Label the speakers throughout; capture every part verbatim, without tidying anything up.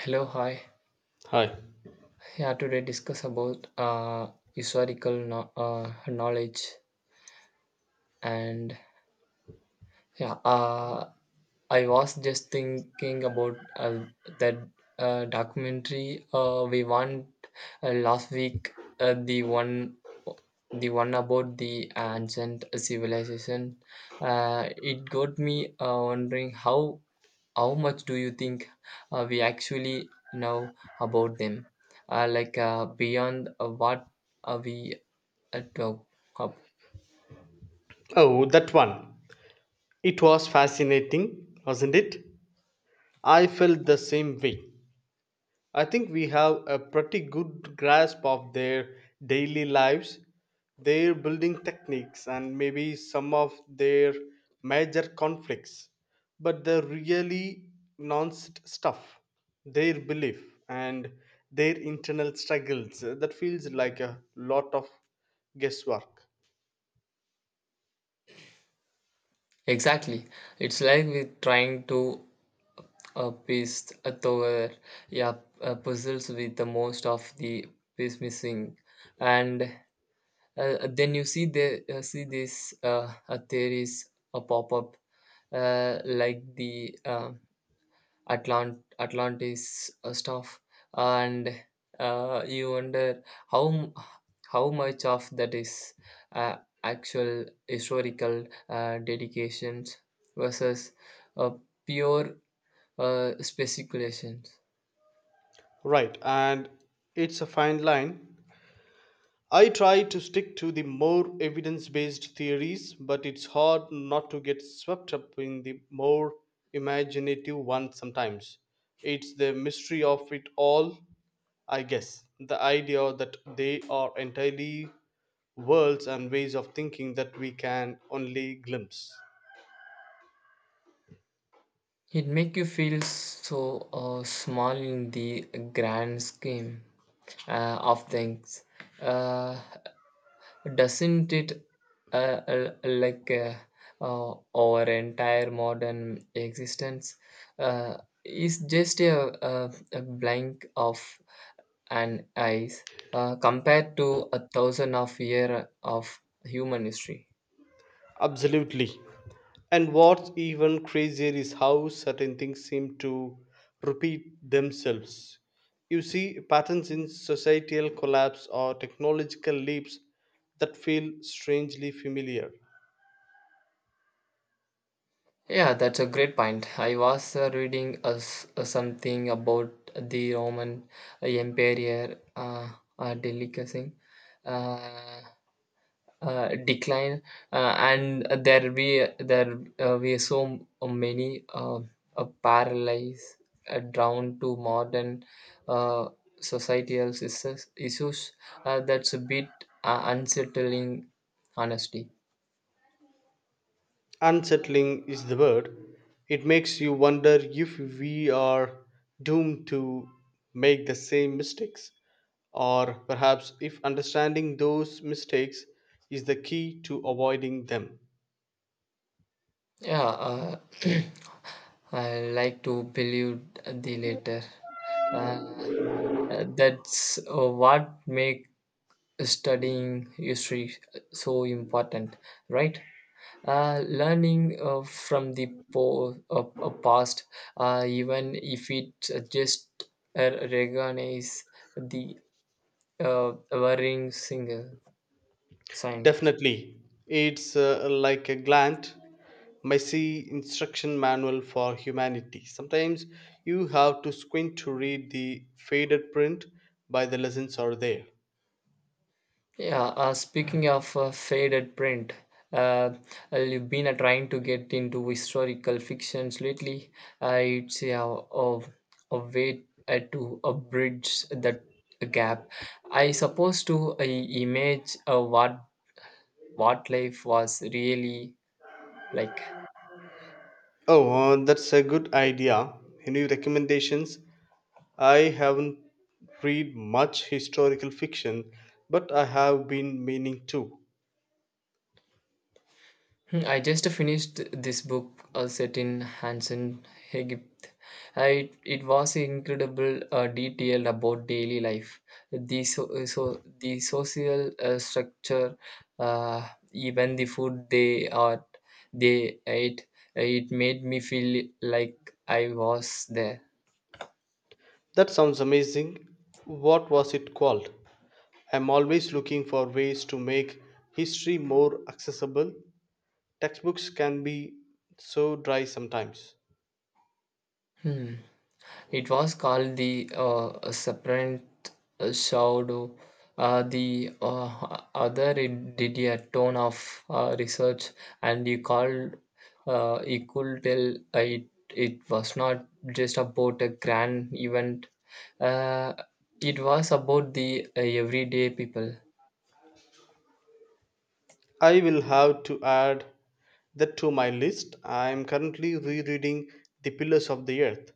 Speaker 1: Hello, hi.
Speaker 2: Hi.
Speaker 1: Yeah, today discuss about uh, historical no- uh, knowledge and yeah, uh, I was just thinking about uh, that uh, documentary uh, we won uh, last week. Uh, the one, the one about the ancient civilization. Uh, it got me uh, wondering how how much do you think uh, we actually know about them, uh, like uh, beyond uh, what uh, we uh, talk up
Speaker 2: Oh, that one. It was fascinating, wasn't it? I felt the same way. I think we have a pretty good grasp of their daily lives, their building techniques, and maybe some of their major conflicts. But the really nuanced stuff, their belief and their internal struggles, uh, that feels like a lot of guesswork.
Speaker 1: exactly. It's like we're trying to uh, piece uh, together, yeah, uh, puzzles with the most of the piece missing. And uh, then you see the uh, see these uh, uh, theories uh, pop up, uh, like the uh, Atlant- Atlantis uh, stuff, and uh, you wonder how m- how much of that is uh, actual historical uh, dedications versus uh, pure uh, speculations.
Speaker 2: Right, and it's a fine line. I try to stick to the more evidence based theories, but it's hard not to get swept up in the more imaginative ones sometimes. It's the mystery of it all, I guess. The idea that they are entirely worlds and ways of thinking that we can only glimpse.
Speaker 1: It make you feel so uh, small in the grand scheme uh, of things. Uh, doesn't it, uh, uh, like uh, uh, our entire modern existence uh, is just a, a, a blank of an eyes uh, compared to a thousand of year of human history.
Speaker 2: Absolutely. And what's even crazier is how certain things seem to repeat themselves. You see patterns in societal collapse or technological leaps that feel strangely familiar.
Speaker 1: Yeah, that's a great point. I was uh, reading uh, s- uh, something about the Roman empire, uh, uh, delicacy, uh, uh, decline, uh, and there be there, uh, we so many uh, uh, paralyzed uh, down to modern uh, societal issues, issues, uh, that's a bit uh, unsettling, honestly.
Speaker 2: Unsettling is the word. It makes you wonder if we are doomed to make the same mistakes, or perhaps if understanding those mistakes is the key to avoiding them.
Speaker 1: Yeah, uh, I like to believe the latter, uh, that's uh, what make studying history so important, right? Uh, learning uh, from the po- uh, uh, past, uh, even if it uh, just uh, recognize the uh, worrying single signs.
Speaker 2: Definitely. It's uh, like a glant, messy instruction manual for humanity. Sometimes you have to squint to read the faded print, but the lessons are there.
Speaker 1: Yeah, uh, speaking of uh, faded print, uh, I've been uh, trying to get into historical fictions lately. Uh, it's a, a, a way uh, to uh, bridge that gap. I suppose to uh, image uh, what what life was really like.
Speaker 2: Oh, uh, that's a good idea. Any recommendations? I haven't read much historical fiction, but I have been meaning to.
Speaker 1: Hmm, I just finished this book uh, set in Hansen, Egypt. I, it was incredible uh, detail about daily life, the so, so the social uh, structure, uh, even the food they are they ate. It made me feel like I was there.
Speaker 2: That sounds amazing. What was it called? I'm always looking for ways to make history more accessible, textbooks can be so dry sometimes.
Speaker 1: Hmm. It was called the uh, Serpent Shadow. Uh, the uh, other it did a ton of uh, research, and he called. Uh, he could tell it it was not just about a grand event. Uh, it was about the uh, everyday people.
Speaker 2: I will have to add that to my list. I am currently rereading The Pillars of the Earth,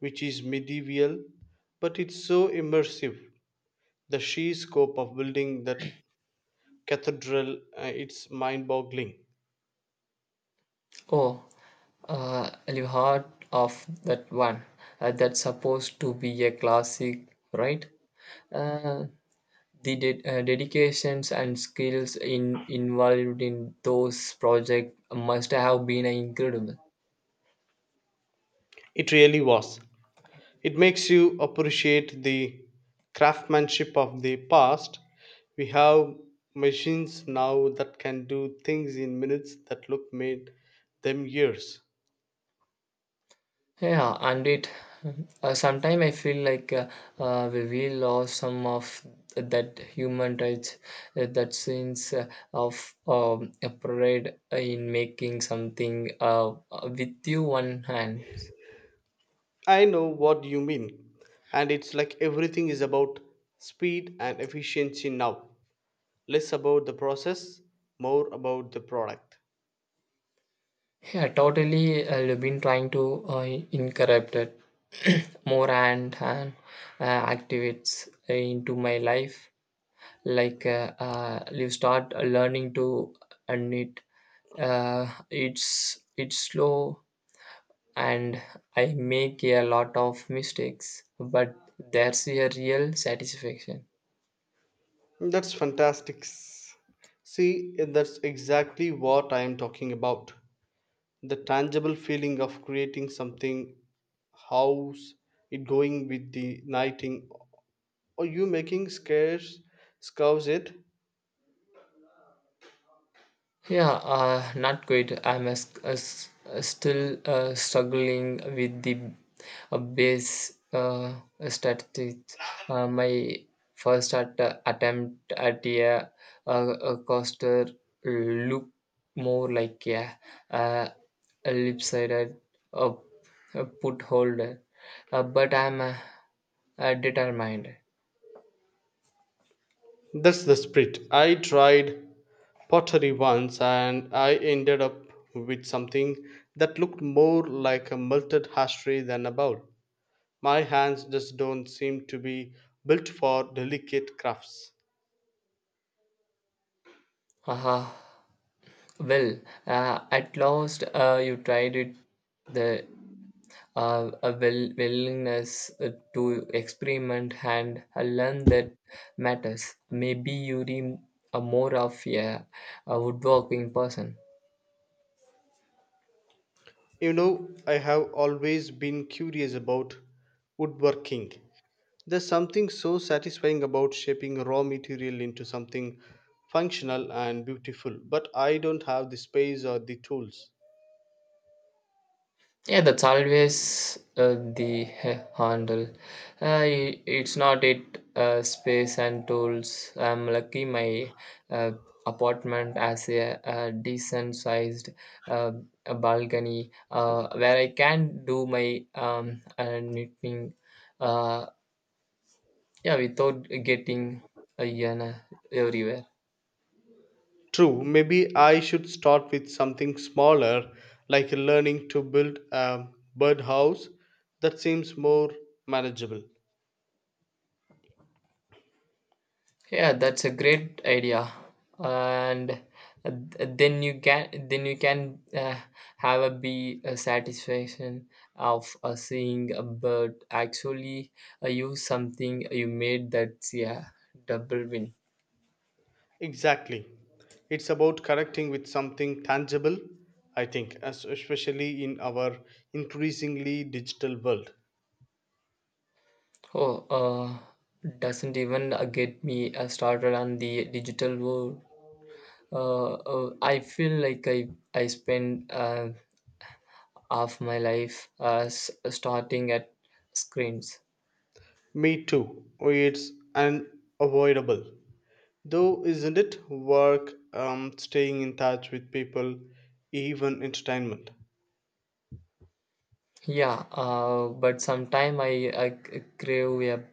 Speaker 2: which is medieval, but it's so immersive. The sheer scope of building that cathedral, uh, it's mind boggling.
Speaker 1: Oh, uh, you heard of that one? Uh, that's supposed to be a classic, right? Uh, The ded- uh, dedications and skills in, involved in those projects must have been incredible.
Speaker 2: It really was. It makes you appreciate the craftsmanship of the past. We have machines now that can do things in minutes that look made them years.
Speaker 1: Yeah, and it uh, sometimes I feel like uh, uh, we we lost some of that human rights, uh, that sense uh, of um, a pride in making something uh, with you one hand.
Speaker 2: I know what you mean, and it's like everything is about speed and efficiency now. Less about the process, more about the product.
Speaker 1: Yeah, totally. I've been trying to uh, incorporate it more and, and uh, activates into my life. Like uh, uh, you start learning to knit. Uh, it's it's slow, and I make a lot of mistakes, but there's a real satisfaction.
Speaker 2: That's fantastic. See, that's exactly what I am talking about. The tangible feeling of creating something. How's it going with the knighting? Are you making scarce scouse it?
Speaker 1: Yeah, uh, not good. I'm as, as, uh, still uh, struggling with the uh, base uh, statistics. Uh, my first at, uh, attempt at a, a, a coaster look more like a, uh, a lip-sided uh, a put holder, uh, but I'm uh, uh, determined.
Speaker 2: That's the spirit. I tried pottery once and I ended up with something that looked more like a melted ashtray than a bowl. My hands just don't seem to be built for delicate crafts.
Speaker 1: Uh, well, uh, at last uh, you tried it. The uh, a will, willingness uh, to experiment and uh, learn that matters. Maybe you're a more of a, a woodworking person.
Speaker 2: You know, I have always been curious about woodworking. There's something so satisfying about shaping raw material into something functional and beautiful, but I don't have the space or the tools.
Speaker 1: Yeah, that's always uh, the uh, handle. Uh, i- it's not it. Uh, space and tools. I'm lucky my uh, apartment has a, a decent sized uh, a balcony uh, where I can do my um, uh, knitting. Uh, Yeah, without getting a hyena everywhere.
Speaker 2: True, maybe I should start with something smaller, like learning to build a birdhouse. That seems more manageable.
Speaker 1: Yeah, that's a great idea. And uh, then you can then you can uh, have a be a satisfaction of uh, seeing a bird actually uh, use something you made. That's, yeah, double win.
Speaker 2: Exactly. It's about connecting with something tangible, I think, as especially in our increasingly digital world.
Speaker 1: Oh, uh, doesn't even uh, get me uh, started on the digital world. Uh, uh, I feel like I I spend uh, of my life as starting at screens.
Speaker 2: Me too. Oh, it's unavoidable. Though, isn't it? Work, um, staying in touch with people, even entertainment.
Speaker 1: Yeah, uh, but sometime I, I c- crave a,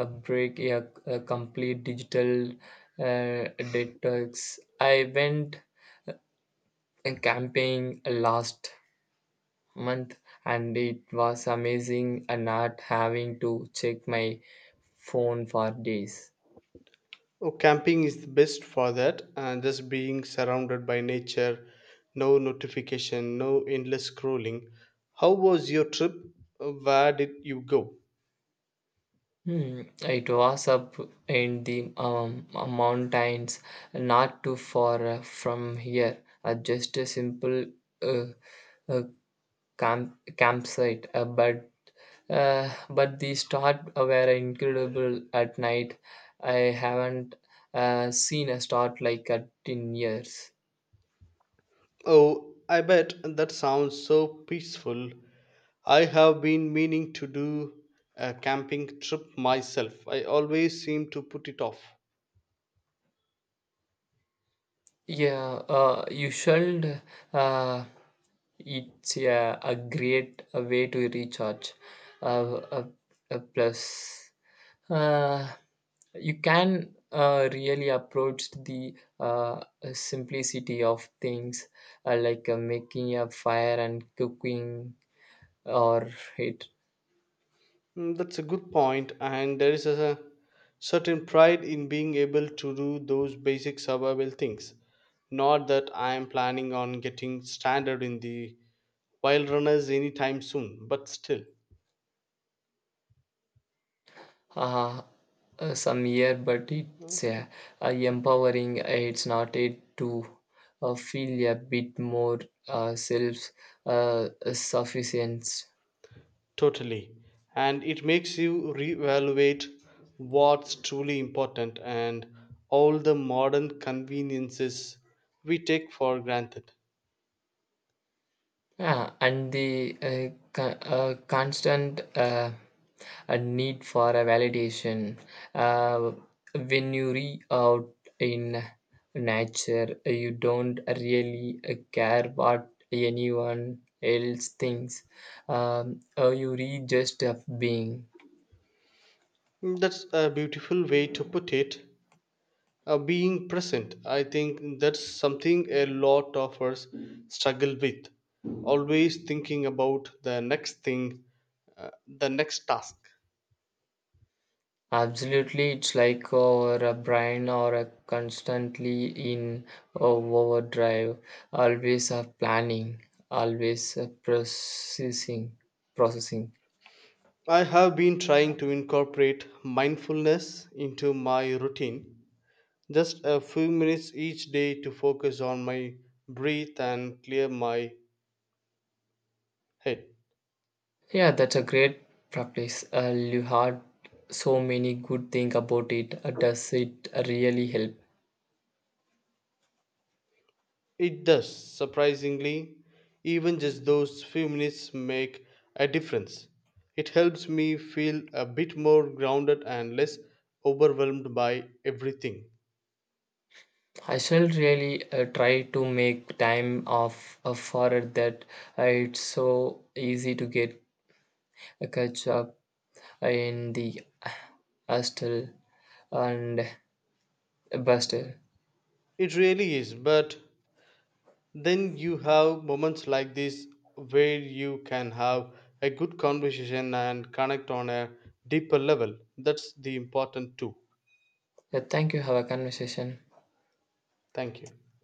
Speaker 1: a break, a, a complete digital uh, detox. I went uh, camping last month and it was amazing and not having to check my phone for days.
Speaker 2: Oh, camping is the best for that, and just being surrounded by nature, no notification, no endless scrolling. How was your trip? Where did you go?
Speaker 1: Hmm, it was up in the um, uh, mountains, not too far uh, from here. Uh, just a simple uh, uh, camp campsite, uh, but uh, but the stars were incredible at night. I haven't uh, seen a star like that in years.
Speaker 2: Oh, I bet that sounds so peaceful. I have been meaning to do a camping trip myself. I always seem to put it off.
Speaker 1: Yeah, uh, you should. Uh, it's a, a great uh, way to recharge. Uh, uh, uh, Plus, Uh, you can uh, really approach the uh, simplicity of things uh, like uh, making a fire and cooking or it,
Speaker 2: Mm, that's a good point, and there is a certain pride in being able to do those basic survival things. Not that I am planning on getting standard in the wild runners anytime soon, but still.
Speaker 1: uh, uh, some year, but it's uh, uh, empowering. It's not it to uh, feel a bit more uh, self uh, sufficient.
Speaker 2: Totally. And it makes you reevaluate what's truly important and all the modern conveniences we take for granted.
Speaker 1: Yeah, and the uh, co- uh, constant uh, a need for a validation, uh, when you re out in nature, uh, you don't really uh, care what anyone else thinks. Um, uh, you re just of being.
Speaker 2: That's a beautiful way to put it. Uh, being present, I think that's something a lot of us struggle with. Always thinking about the next thing, uh, the next task.
Speaker 1: Absolutely, it's like our uh, brain or uh, constantly in uh, overdrive, always uh, planning, always uh, processing, processing.
Speaker 2: I have been trying to incorporate mindfulness into my routine. Just a few minutes each day to focus on my breath and clear my head.
Speaker 1: Yeah, that's a great practice. Uh, you had so many good things about it. Uh, does it really help?
Speaker 2: It does, surprisingly. Even just those few minutes make a difference. It helps me feel a bit more grounded and less overwhelmed by everything.
Speaker 1: I shall really uh, try to make time off uh, for it, that uh, it's so easy to get uh, catch up in the uh, hustle and a buster.
Speaker 2: It really is, but then you have moments like this where you can have a good conversation and connect on a deeper level. That's the important too.
Speaker 1: Yeah, thank you. Have a conversation.
Speaker 2: Thank you.